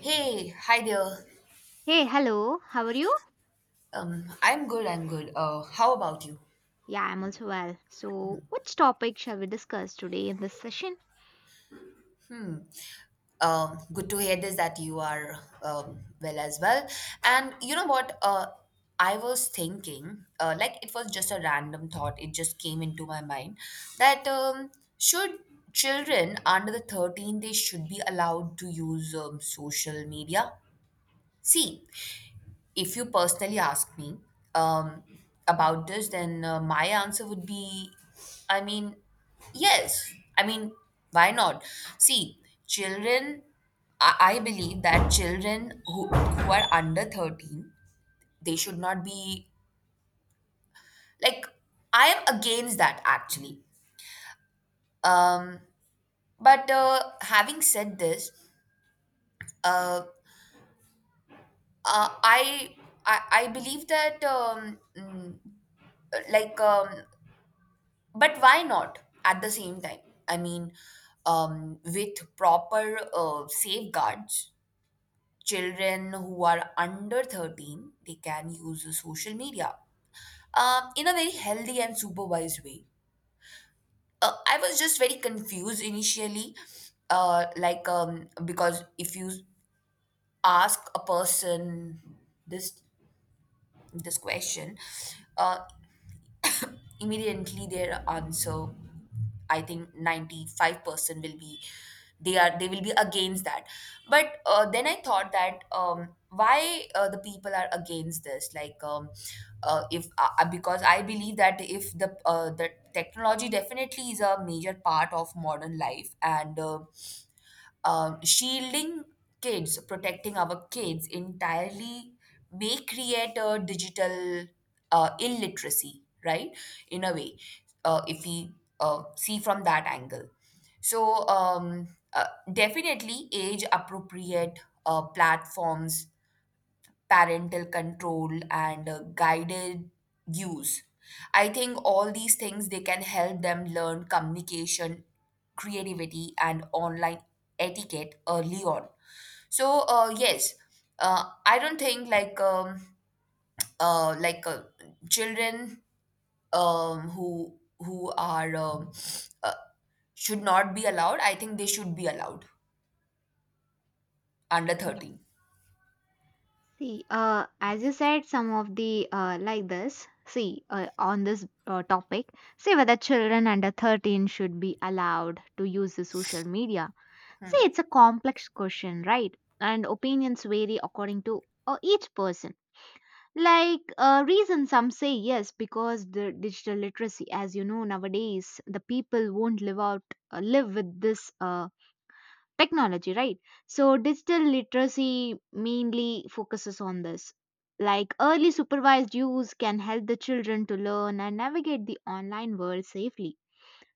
Hey, hi there. Hey, hello, how are you? I'm good. How about you? Yeah, I'm also well. So, which topic shall we discuss today in this session? Hmm. Good to hear this that you are well as well. And you know what? I was thinking, like it was just a random thought. It just came into my mind that should children under the 13 they should be allowed to use social media. See, if you personally ask me um, about this, then my answer would be, I mean, yes. Why not? See, children, I believe that children who are under 13, they should not be, like, I am against that actually. Um, but having said this, uh, uh, I, I believe that like um, but why not at the same time? I mean, with proper safeguards, children who are under 13, they can use the social media in a very healthy and supervised way. I was just very confused initially, because if you ask a person this this question, uh, immediately their answer, I think 95% will be, they will be against that. But then I thought that why the people are against this, like if because I believe that if the the technology definitely is a major part of modern life and shielding kids, protecting our kids entirely may create a digital illiteracy, right? In a way, if we see from that angle. So, uh, definitely age appropriate platforms, parental control, and guided use, I think all these things they can help them learn communication, creativity, and online etiquette early on. So yes, I don't think uh, like uh, children um, who who are uh, should not be allowed. I think they should be allowed under Yes. 13. Hmm. See, as you said, some of the like this, see, on this topic, say whether children under 13 should be allowed to use the social media. See, it's a complex question, right? And opinions vary according to each person. Like reason, some say yes because the digital literacy. As you know, nowadays the people won't live out live with this technology, right? So digital literacy mainly focuses on this, like early supervised use can help the children to learn and navigate the online world safely.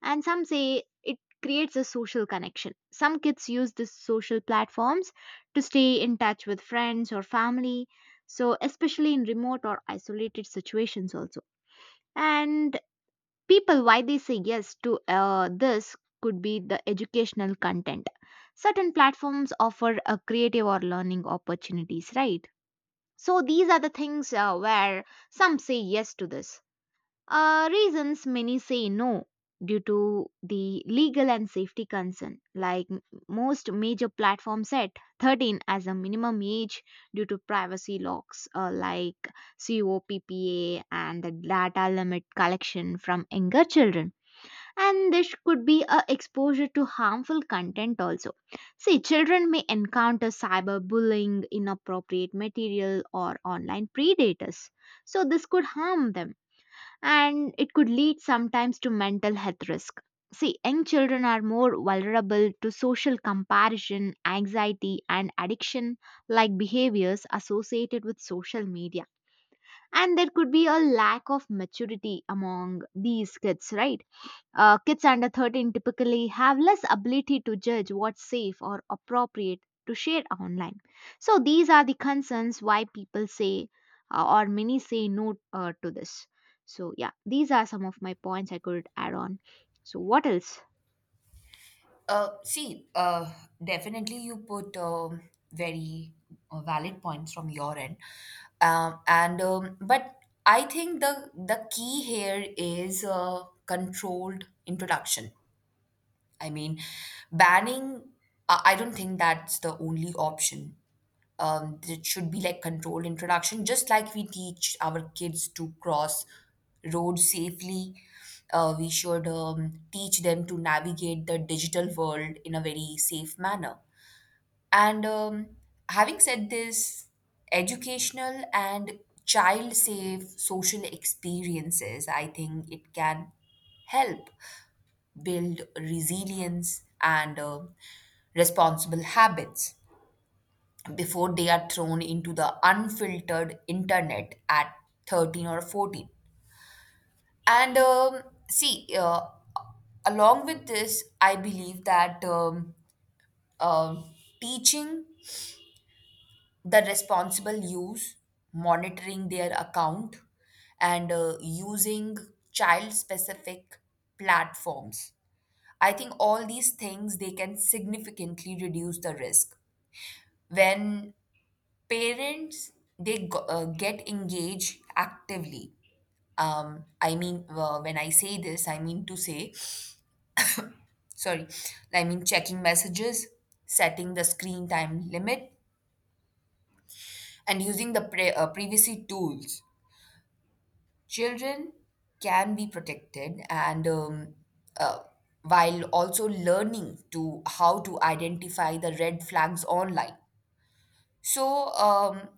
And some say it creates a social connection. Some kids use these social platforms to stay in touch with friends or family, so especially in remote or isolated situations also. And people, why they say yes to this, could be the educational content. Certain platforms offer a creative or learning opportunities, right? So these are the things where some say yes to this. Reasons many say no due to the legal and safety concern, like most major platforms set 13 as a minimum age due to privacy locks, like COPPA, and the data limit collection from younger children. And this could be a exposure to harmful content also. See, children may encounter cyberbullying, inappropriate material, or online predators. So this could harm them, and it could lead sometimes to mental health risk. See, young children are more vulnerable to social comparison, anxiety, and addiction like behaviors associated with social media. And there could be a lack of maturity among these kids, right? Kids under 13 typically have less ability to judge what's safe or appropriate to share online. So, these are the concerns why people say or many say no to this. So, yeah, these are some of my points I could add on. So, what else? See, definitely you put very valid points from your end, and but I think the key here is controlled introduction. I mean, banning. I don't think that's the only option. It should be like controlled introduction, just like we teach our kids to cross roads safely. We should teach them to navigate the digital world in a very safe manner. And having said this, educational and child safe social experiences, I think it can help build resilience and responsible habits before they are thrown into the unfiltered internet at 13 or 14. And see, along with this, I believe that um teaching the responsible use, monitoring their account, and using child specific platforms, I think all these things they can significantly reduce the risk when parents they go, get engaged actively. When I say this I mean to say, sorry, I mean checking messages, setting the screen time limit, and using the privacy tools, children can be protected and uh, while also learning to how to identify the red flags online. So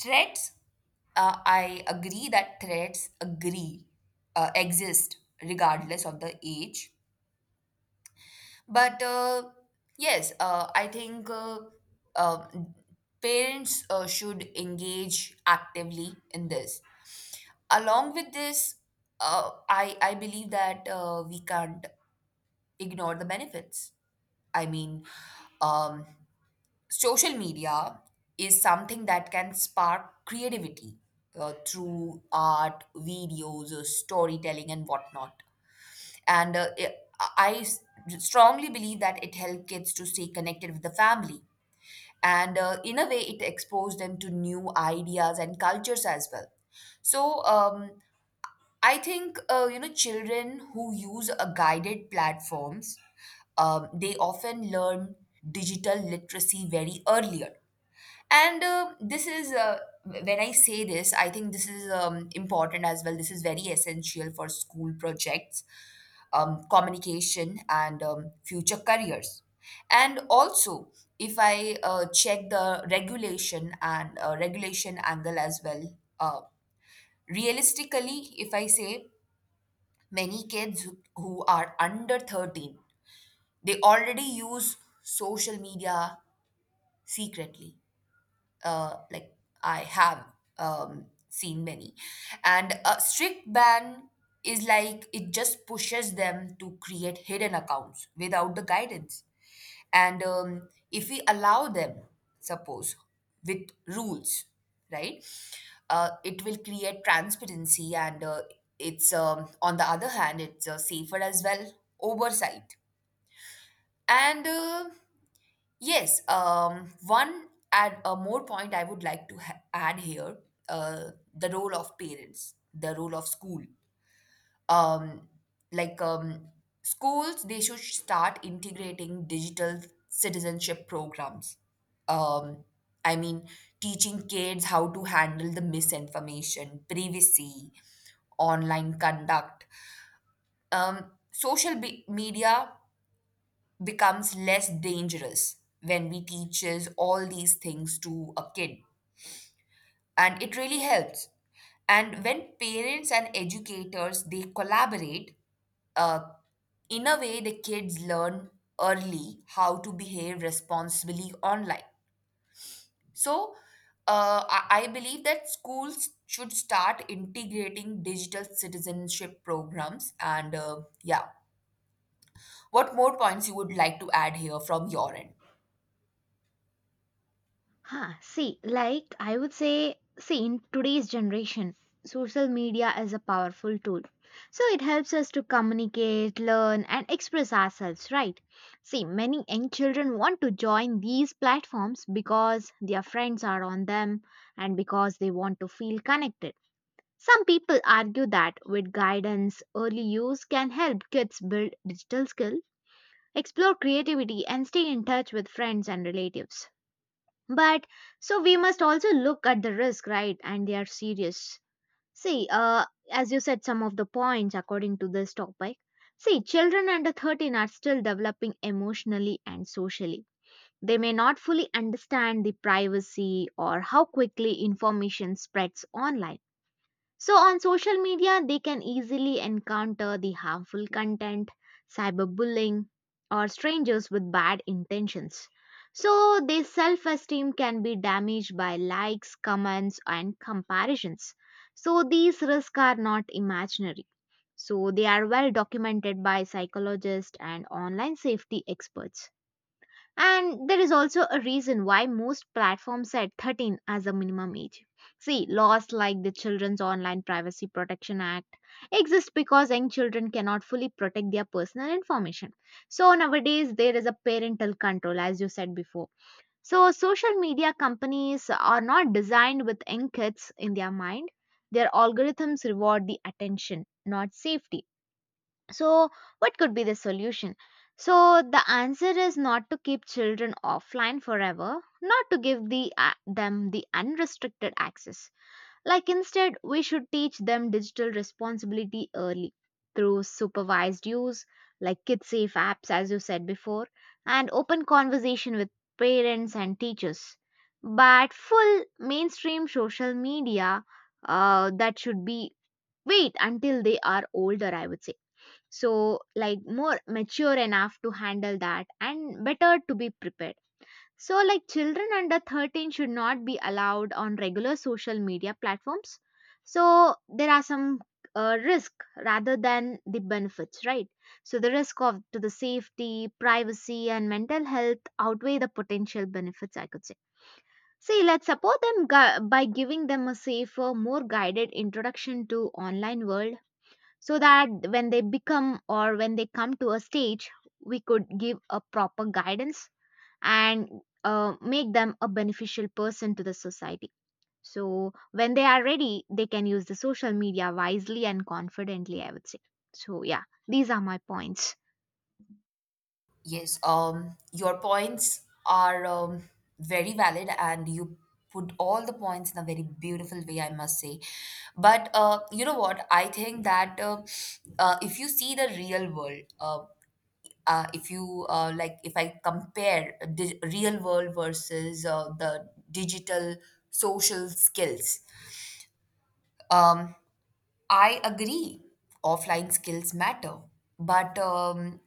threats, I agree that threats agree exist regardless of the age. But yes, I think uh, parents should engage actively in this. Along with this, I believe that we can't ignore the benefits. I mean, um, social media is something that can spark creativity through art, videos, storytelling, and whatnot. And I s- strongly believe that it helps kids to stay connected with the family. And in a way, it exposes them to new ideas and cultures as well. So I think you know children who use a guided platforms, they often learn digital literacy very earlier. And when I say this, I think this is important as well. This is very essential for school projects, communication, and future careers. And also, if I check the regulation and regulation angle as well, realistically, if I say many kids who are under 13, they already use social media secretly, like I have seen many. And a strict ban is like it just pushes them to create hidden accounts without the guidance. And if we allow them, suppose, with rules, right, it will create transparency and on the other hand, it's safer as well, oversight. And yes, one add a more point I would like to add here, the role of parents, the role of school. Um, like um, schools, they should start integrating digital citizenship programs. Um, I mean, teaching kids how to handle the misinformation, privacy, online conduct. Social media becomes less dangerous when we teaches all these things to a kid, and it really helps. And when parents and educators they collaborate, uh, in a way the kids learn early how to behave responsibly online. So I believe that schools should start integrating digital citizenship programs. And yeah, what more points you would like to add here from your end? Huh, see, like I would say, see, in today's generation, social media is a powerful tool. So it helps us to communicate, learn, and express ourselves, right? See, many young children want to join these platforms because their friends are on them and because they want to feel connected. Some people argue that with guidance, early use can help kids build digital skill, explore creativity, and stay in touch with friends and relatives. But so we must also look at the risk, right? And they are serious. See, as you said, some of the points according to this topic. See, children under 13 are still developing emotionally and socially. They may not fully understand the privacy or how quickly information spreads online. So, on social media, they can easily encounter the harmful content, cyberbullying, or strangers with bad intentions. So, their self esteem can be damaged by likes, comments, and comparisons. So, these risks are not imaginary. So, they are well documented by psychologists and online safety experts. And there is also a reason why most platforms set 13 as a minimum age. See, laws like the Children's Online Privacy Protection Act exist because young children cannot fully protect their personal information. So nowadays there is a parental control, as you said before. So social media companies are not designed with young kids in their mind. Their algorithms reward the attention, not safety. So, what could be the solution? So, the answer is not to keep children offline forever, not to give the, a them the unrestricted access. Like, instead, we should teach them digital responsibility early through supervised use, like kid safe apps, as you said before, and open conversation with parents and teachers. But full mainstream social media, that should be wait until they are older, I would say, so like more mature enough to handle that and better to be prepared. So like children under 13 should not be allowed on regular social media platforms. So there are some risk rather than the benefits, right? So the risk of to the safety, privacy, and mental health outweigh the potential benefits, I could say. See, let's support them by giving them a safer, more guided introduction to online world, so that when they become or when they come to a stage, we could give a proper guidance and make them a beneficial person to the society. So when they are ready, they can use the social media wisely and confidently, I would say. So yeah, these are my points. Yes, your points are very valid, and you put all the points in a very beautiful way, I must say. But you know what? I think that if you see the real world, if you if I compare the real world versus the digital social skills, um, I agree, offline skills matter, but um,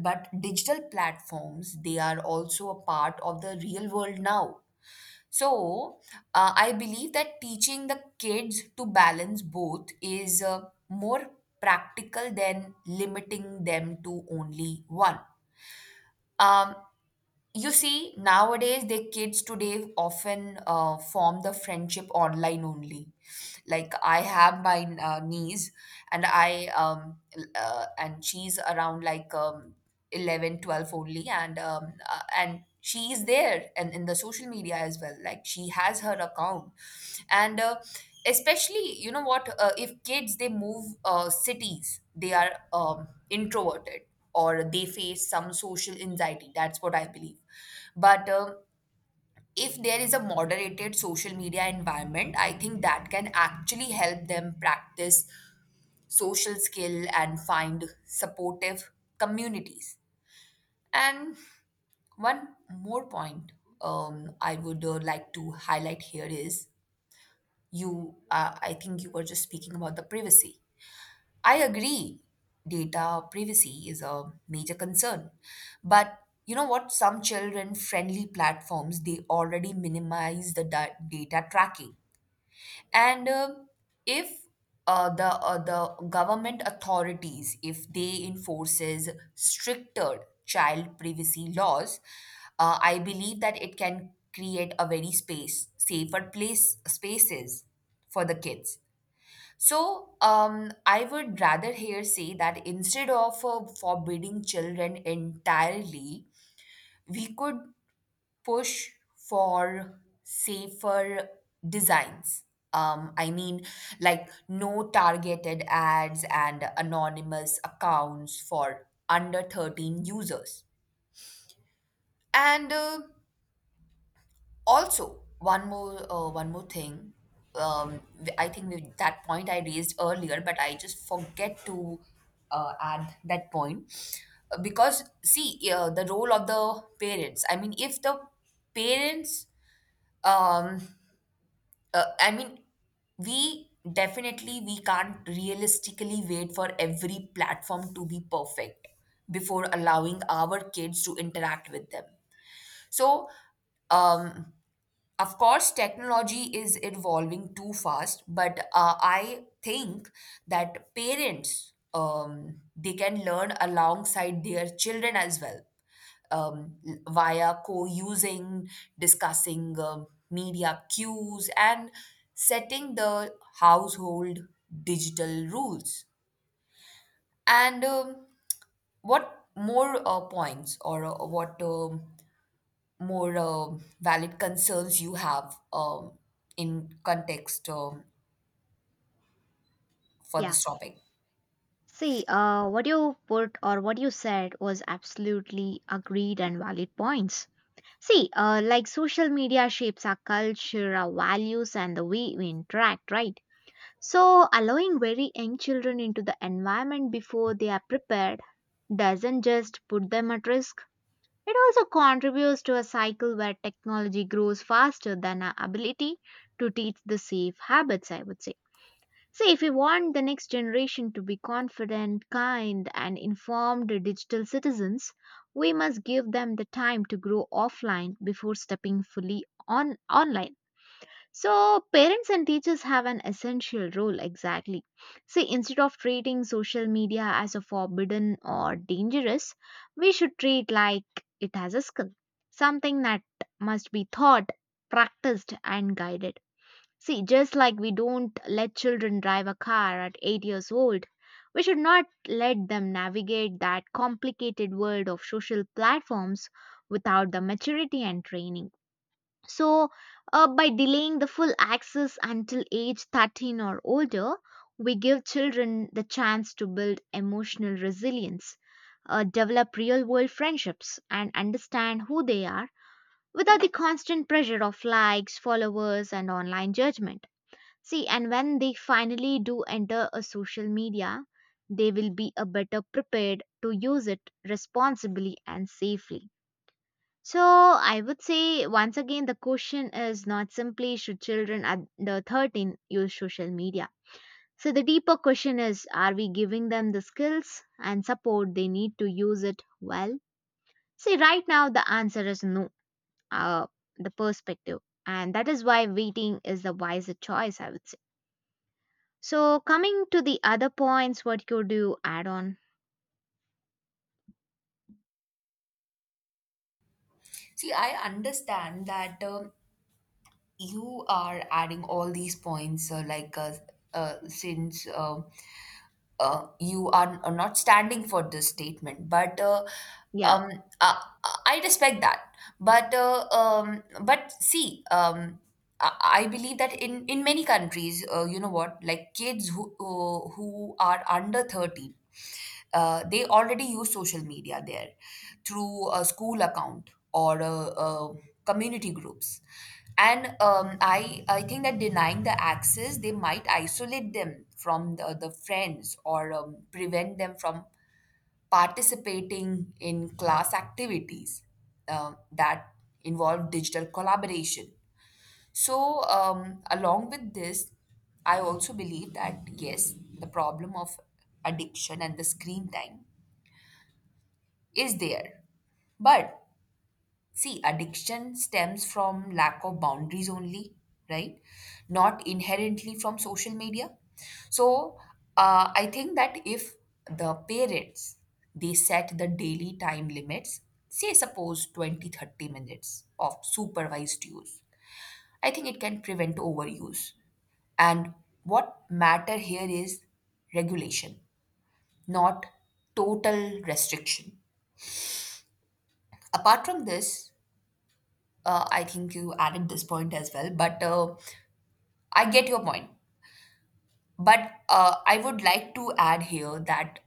but digital platforms they are also a part of the real world now. So I believe that teaching the kids to balance both is more practical than limiting them to only one. Um, you see, nowadays, the kids today often form the friendship online only. Like I have my niece, and and she's around like 11, 12 only, and she is there and in the social media as well. Like she has her account, and especially you know what? If kids they move cities, they are introverted or they face some social anxiety. That's what I believe. But if there is a moderated social media environment, I think that can actually help them practice social skill and find supportive communities. And one more point I would like to highlight here is, I think you were just speaking about the privacy. I agree. Data privacy is a major concern. But you know what? Some children friendly platforms, they already minimize the data tracking. And if the government authorities, if they enforces stricter child privacy laws, I believe that it can create a very space safer place spaces for the kids. So, I would rather here say that instead of forbidding children entirely, we could push for safer designs. Um, I mean, like no targeted ads and anonymous accounts for under 13 users. And also, one more thing. I think we, that point I raised earlier, but I just forget to add that point. Because see the role of the parents. I mean, if the parents, um, uh, I mean, we definitely we can't realistically wait for every platform to be perfect before allowing our kids to interact with them. So um of course, technology is evolving too fast, but I think that parents they can learn alongside their children as well, um, via co-using, discussing media cues, and setting the household digital rules. And what more points or what more valid concerns you have in context for Yeah, this topic. see, what you put or what you said was absolutely agreed and valid points. See, like social media shapes our culture, our values, and the way we interact, right? So, allowing very young children into the environment before they are prepared doesn't just put them at risk, it also contributes to a cycle where technology grows faster than our ability to teach the safe habits, I would say. So, if we want the next generation to be confident, kind, and informed digital citizens, we must give them the time to grow offline before stepping fully on online. So, parents and teachers have an essential role, exactly. See, instead of treating social media as a forbidden or dangerous, we should treat like it as a skill, something that must be taught, practiced, and guided. See, just like we don't let children drive a car at 8 years old, we should not let them navigate that complicated world of social platforms without the maturity and training. So, by delaying the full access until age 13 or older, we give children the chance to build emotional resilience, develop real world friendships, and understand who they are without the constant pressure of likes, followers, and online judgment. See, and when they finally do enter a social media, they will be a better prepared to use it responsibly and safely. So I would say, once again, the question is not simply should children under 13 use social media. So the deeper question is, are we giving them the skills and support they need to use it well? See, right now the answer is no. Uh, the perspective, and that is why waiting is the wiser choice, I would say. So coming to the other points, what could you add on? See, I understand that you are adding all these points, like since you are not standing for this statement, but Yeah. um, uh, I respect that. But see, I I believe that in many countries, you know what, like kids who are under 30. They already use social media there through a school account or a community groups. And I think that denying the access, they might isolate them from the friends or prevent them from participating in class activities that involve digital collaboration. So, along with this, I also believe that yes, the problem of addiction and the screen time is there. But see, addiction stems from lack of boundaries only, right? Not inherently from social media. So, I think that if the parents they set the daily time limits, say suppose 20-30 minutes of supervised use, I think it can prevent overuse. And what matter here is regulation, not total restriction. Apart from this, I think you added this point as well, but I get your point. But I would like to add here that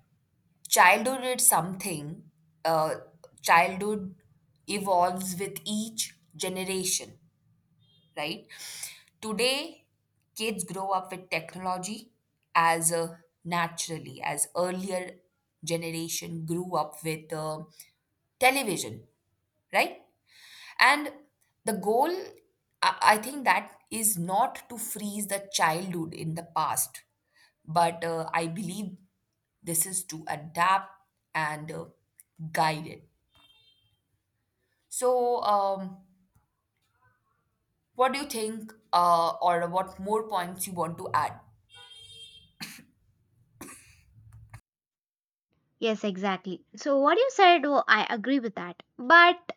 childhood is something, uh, childhood evolves with each generation, right? Today, kids grow up with technology as naturally as earlier generation grew up with television, right? And the goal, I think that is not to freeze the childhood in the past, but I believe this is to adapt and guide it. So, what do you think, or what more points you want to add? Yes, exactly. So what you said, oh, I agree with that. But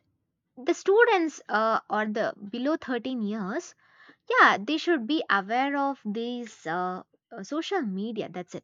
the students, or the below 13 years, yeah, they should be aware of these social media, that's it.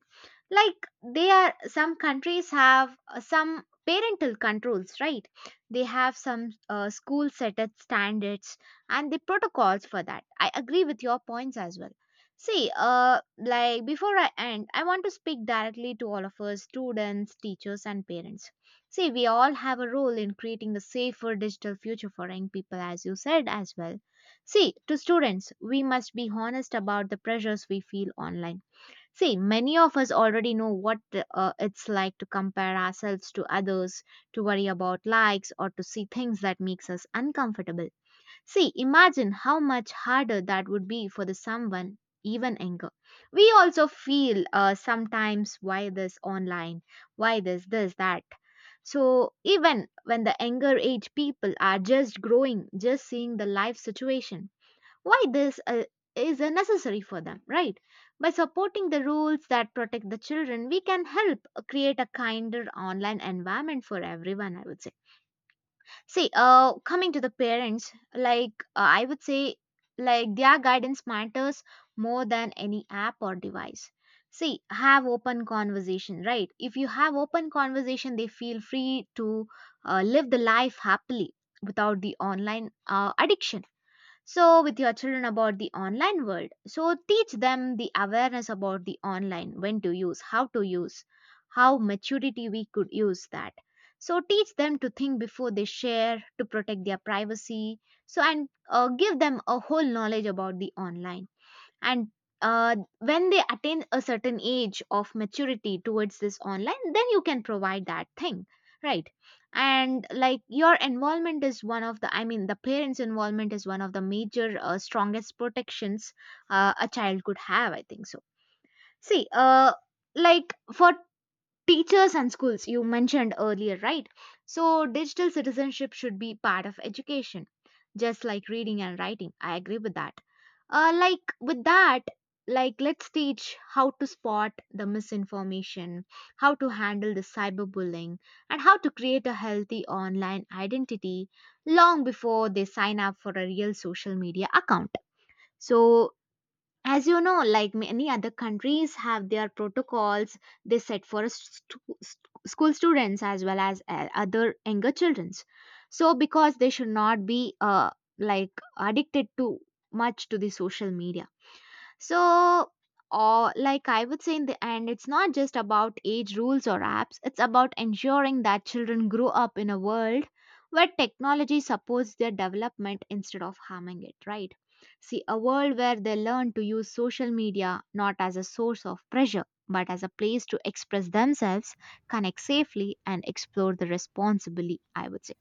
Like, they are some countries have some parental controls, right? They have some school set up standards and the protocols for that. I agree with your points as well. See, like before I end, I want to speak directly to all of us, students, teachers, and parents. See, we all have a role in creating a safer digital future for young people, as you said as well. See, to students, we must be honest about the pressures we feel online. See, many of us already know what it's like to compare ourselves to others, to worry about likes, or to see things that makes us uncomfortable. See, imagine how much harder that would be for the someone even anger. We also feel sometimes, why this online, why this, this, that. So even when the anger age people are just growing, just seeing the life situation, why this is necessary for them, right? By supporting the rules that protect the children, we can help create a kinder online environment for everyone, I would say. See, coming to the parents, like I would say, like their guidance matters more than any app or device. See, have open conversation, right? If you have open conversation, they feel free to live the life happily without the online addiction. So with your children about the online world, so teach them the awareness about the online, when to use, how to use, how maturity we could use that. So teach them to think before they share, to protect their privacy. So and give them a whole knowledge about the online. And when they attain a certain age of maturity towards this online, then you can provide that thing, right? And like your involvement is one of the, I mean, the parents involvement is one of the major strongest protections a child could have, I think so. See, like for teachers and schools, you mentioned earlier, right? So digital citizenship should be part of education, just like reading and writing. I agree with that. Like with that, like let's teach how to spot the misinformation, how to handle the cyberbullying, and how to create a healthy online identity long before they sign up for a real social media account. So as you know, like many other countries have their protocols they set for a school students as well as other younger childrens. So because they should not be like addicted to much to the social media. So, or like I would say, in the end, it's not just about age rules or apps, it's about ensuring that children grow up in a world where technology supports their development instead of harming it, right? See, a world where they learn to use social media not as a source of pressure, but as a place to express themselves, connect safely, and explore the responsibly, I would say.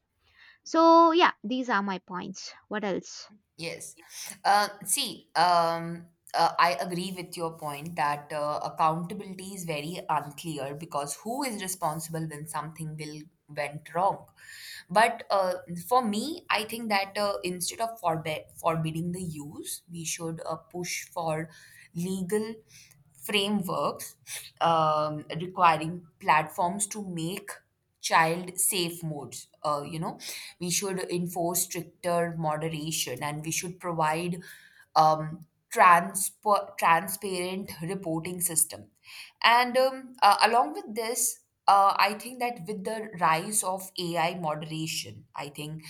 So, yeah, these are my points. What else? Yes. See, I agree with your point that accountability is very unclear because who is responsible when something will went wrong. But for me, I think that instead of forbe forbidding the use, we should push for legal frameworks, requiring platforms to make child safe modes, uh, you know, we should enforce stricter moderation and we should provide um, transparent reporting system. And along with this, I think that with the rise of AI moderation, I think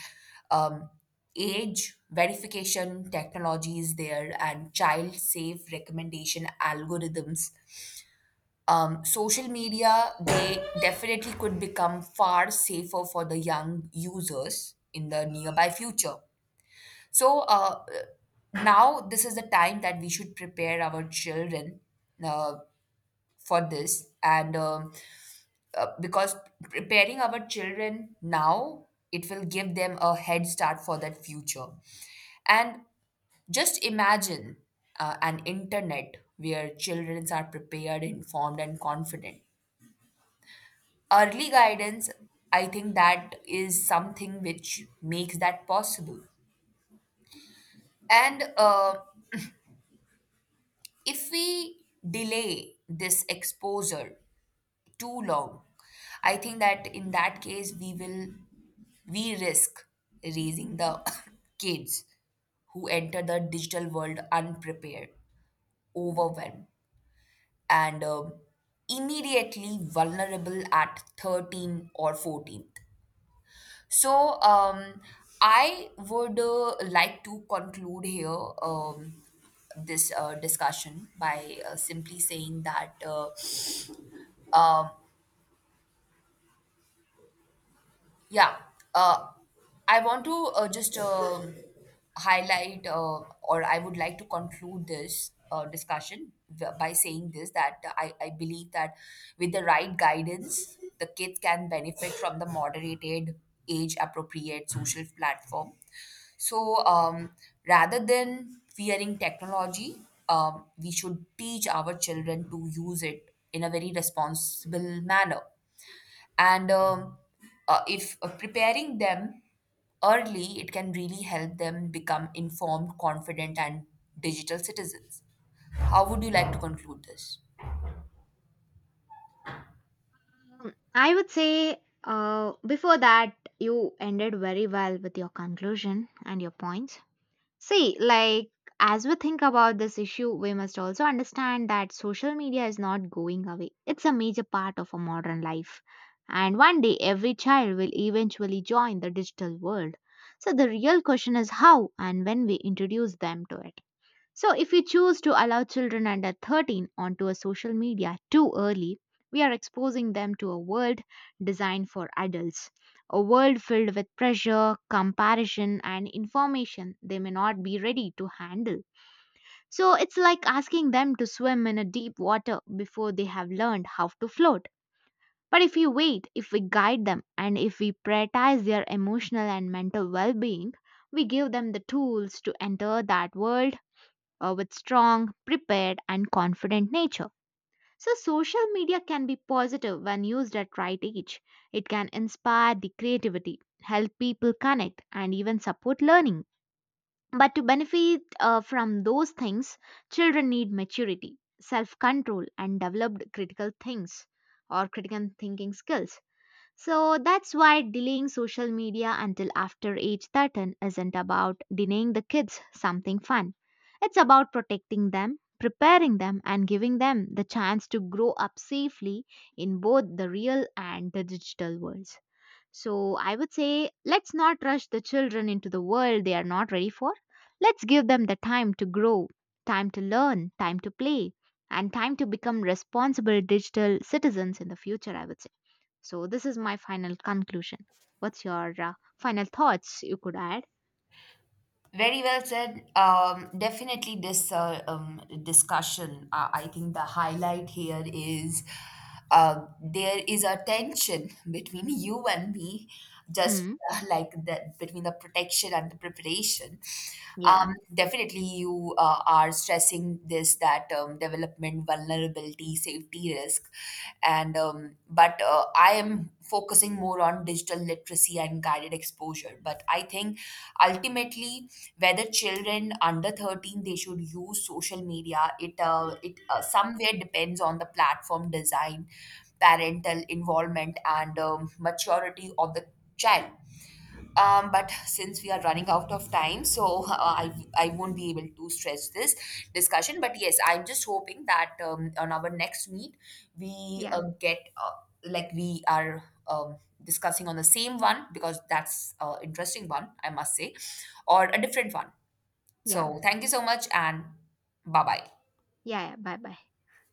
um, age verification technology is there and child safe recommendation algorithms. Social media, they definitely could become far safer for the young users in the nearby future. So now this is the time that we should prepare our children uh, for this, and because preparing our children now, it will give them a head start for that future. And just imagine an internet where children are prepared, informed, and confident. Early guidance, I think that is something which makes that possible. And if we delay this exposure too long, I think that in that case we risk raising the kids who enter the digital world unprepared, overwhelmed, and immediately vulnerable at 13 or 14. So, I would like to conclude here um, this discussion by simply saying that um, yeah, uh, I want to just highlight, or I would like to conclude this discussion by saying this that I believe that with the right guidance, the kids can benefit from the moderated, age appropriate social platform. So, rather than fearing technology, we should teach our children to use it in a very responsible manner and, if preparing them early, it can really help them become informed, confident, and digital citizens. How would you like to conclude this? Mm, I would say, before that, you ended very well with your conclusion and your points. See, like, as we think about this issue, we must also understand that social media is not going away. It's a major part of our modern life. And one day, every child will eventually join the digital world. So, the real question is how and when we introduce them to it. So, if we choose to allow children under 13 onto a social media too early, we are exposing them to a world designed for adults, a world filled with pressure, comparison, and information they may not be ready to handle. So, it's like asking them to swim in a deep water before they have learned how to float. But if we wait, if we guide them, and if we prioritize their emotional and mental well being, we give them the tools to enter that world with strong, prepared, and confident nature. So, social media can be positive when used at right age. It can inspire the creativity, help people connect, and even support learning. But to benefit from those things, children need maturity, self control, and developed critical things or critical thinking skills. So that's why delaying social media until after age 13 isn't about denying the kids something fun. It's about protecting them, preparing them, and giving them the chance to grow up safely in both the real and the digital worlds. So I would say, let's not rush the children into the world they are not ready for. Let's give them the time to grow, time to learn, time to play, and time to become responsible digital citizens in the future, I would say. So this is my final conclusion. What's your final thoughts you could add? Very well said. Definitely, this, discussion, I think the highlight here is there is a tension between you and me, just Hmm. Like that between the protection and the preparation. Yeah. Definitely, you are stressing this that development, vulnerability, safety risk, and but I am focusing more on digital literacy and guided exposure. But I think ultimately, whether children under 13 they should use social media, it somewhere depends on the platform design, parental involvement, and maturity of the child. But since we are running out of time, so I won't be able to stretch this discussion, but yes, I'm just hoping that on our next meet we Yeah. Get like we are discussing on the same one because that's interesting one, I must say, or a different one. Yeah. So, thank you so much and bye bye. Yeah. Bye bye.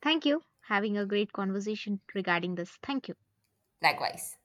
Thank you. Having a great conversation regarding this. Thank you. Likewise.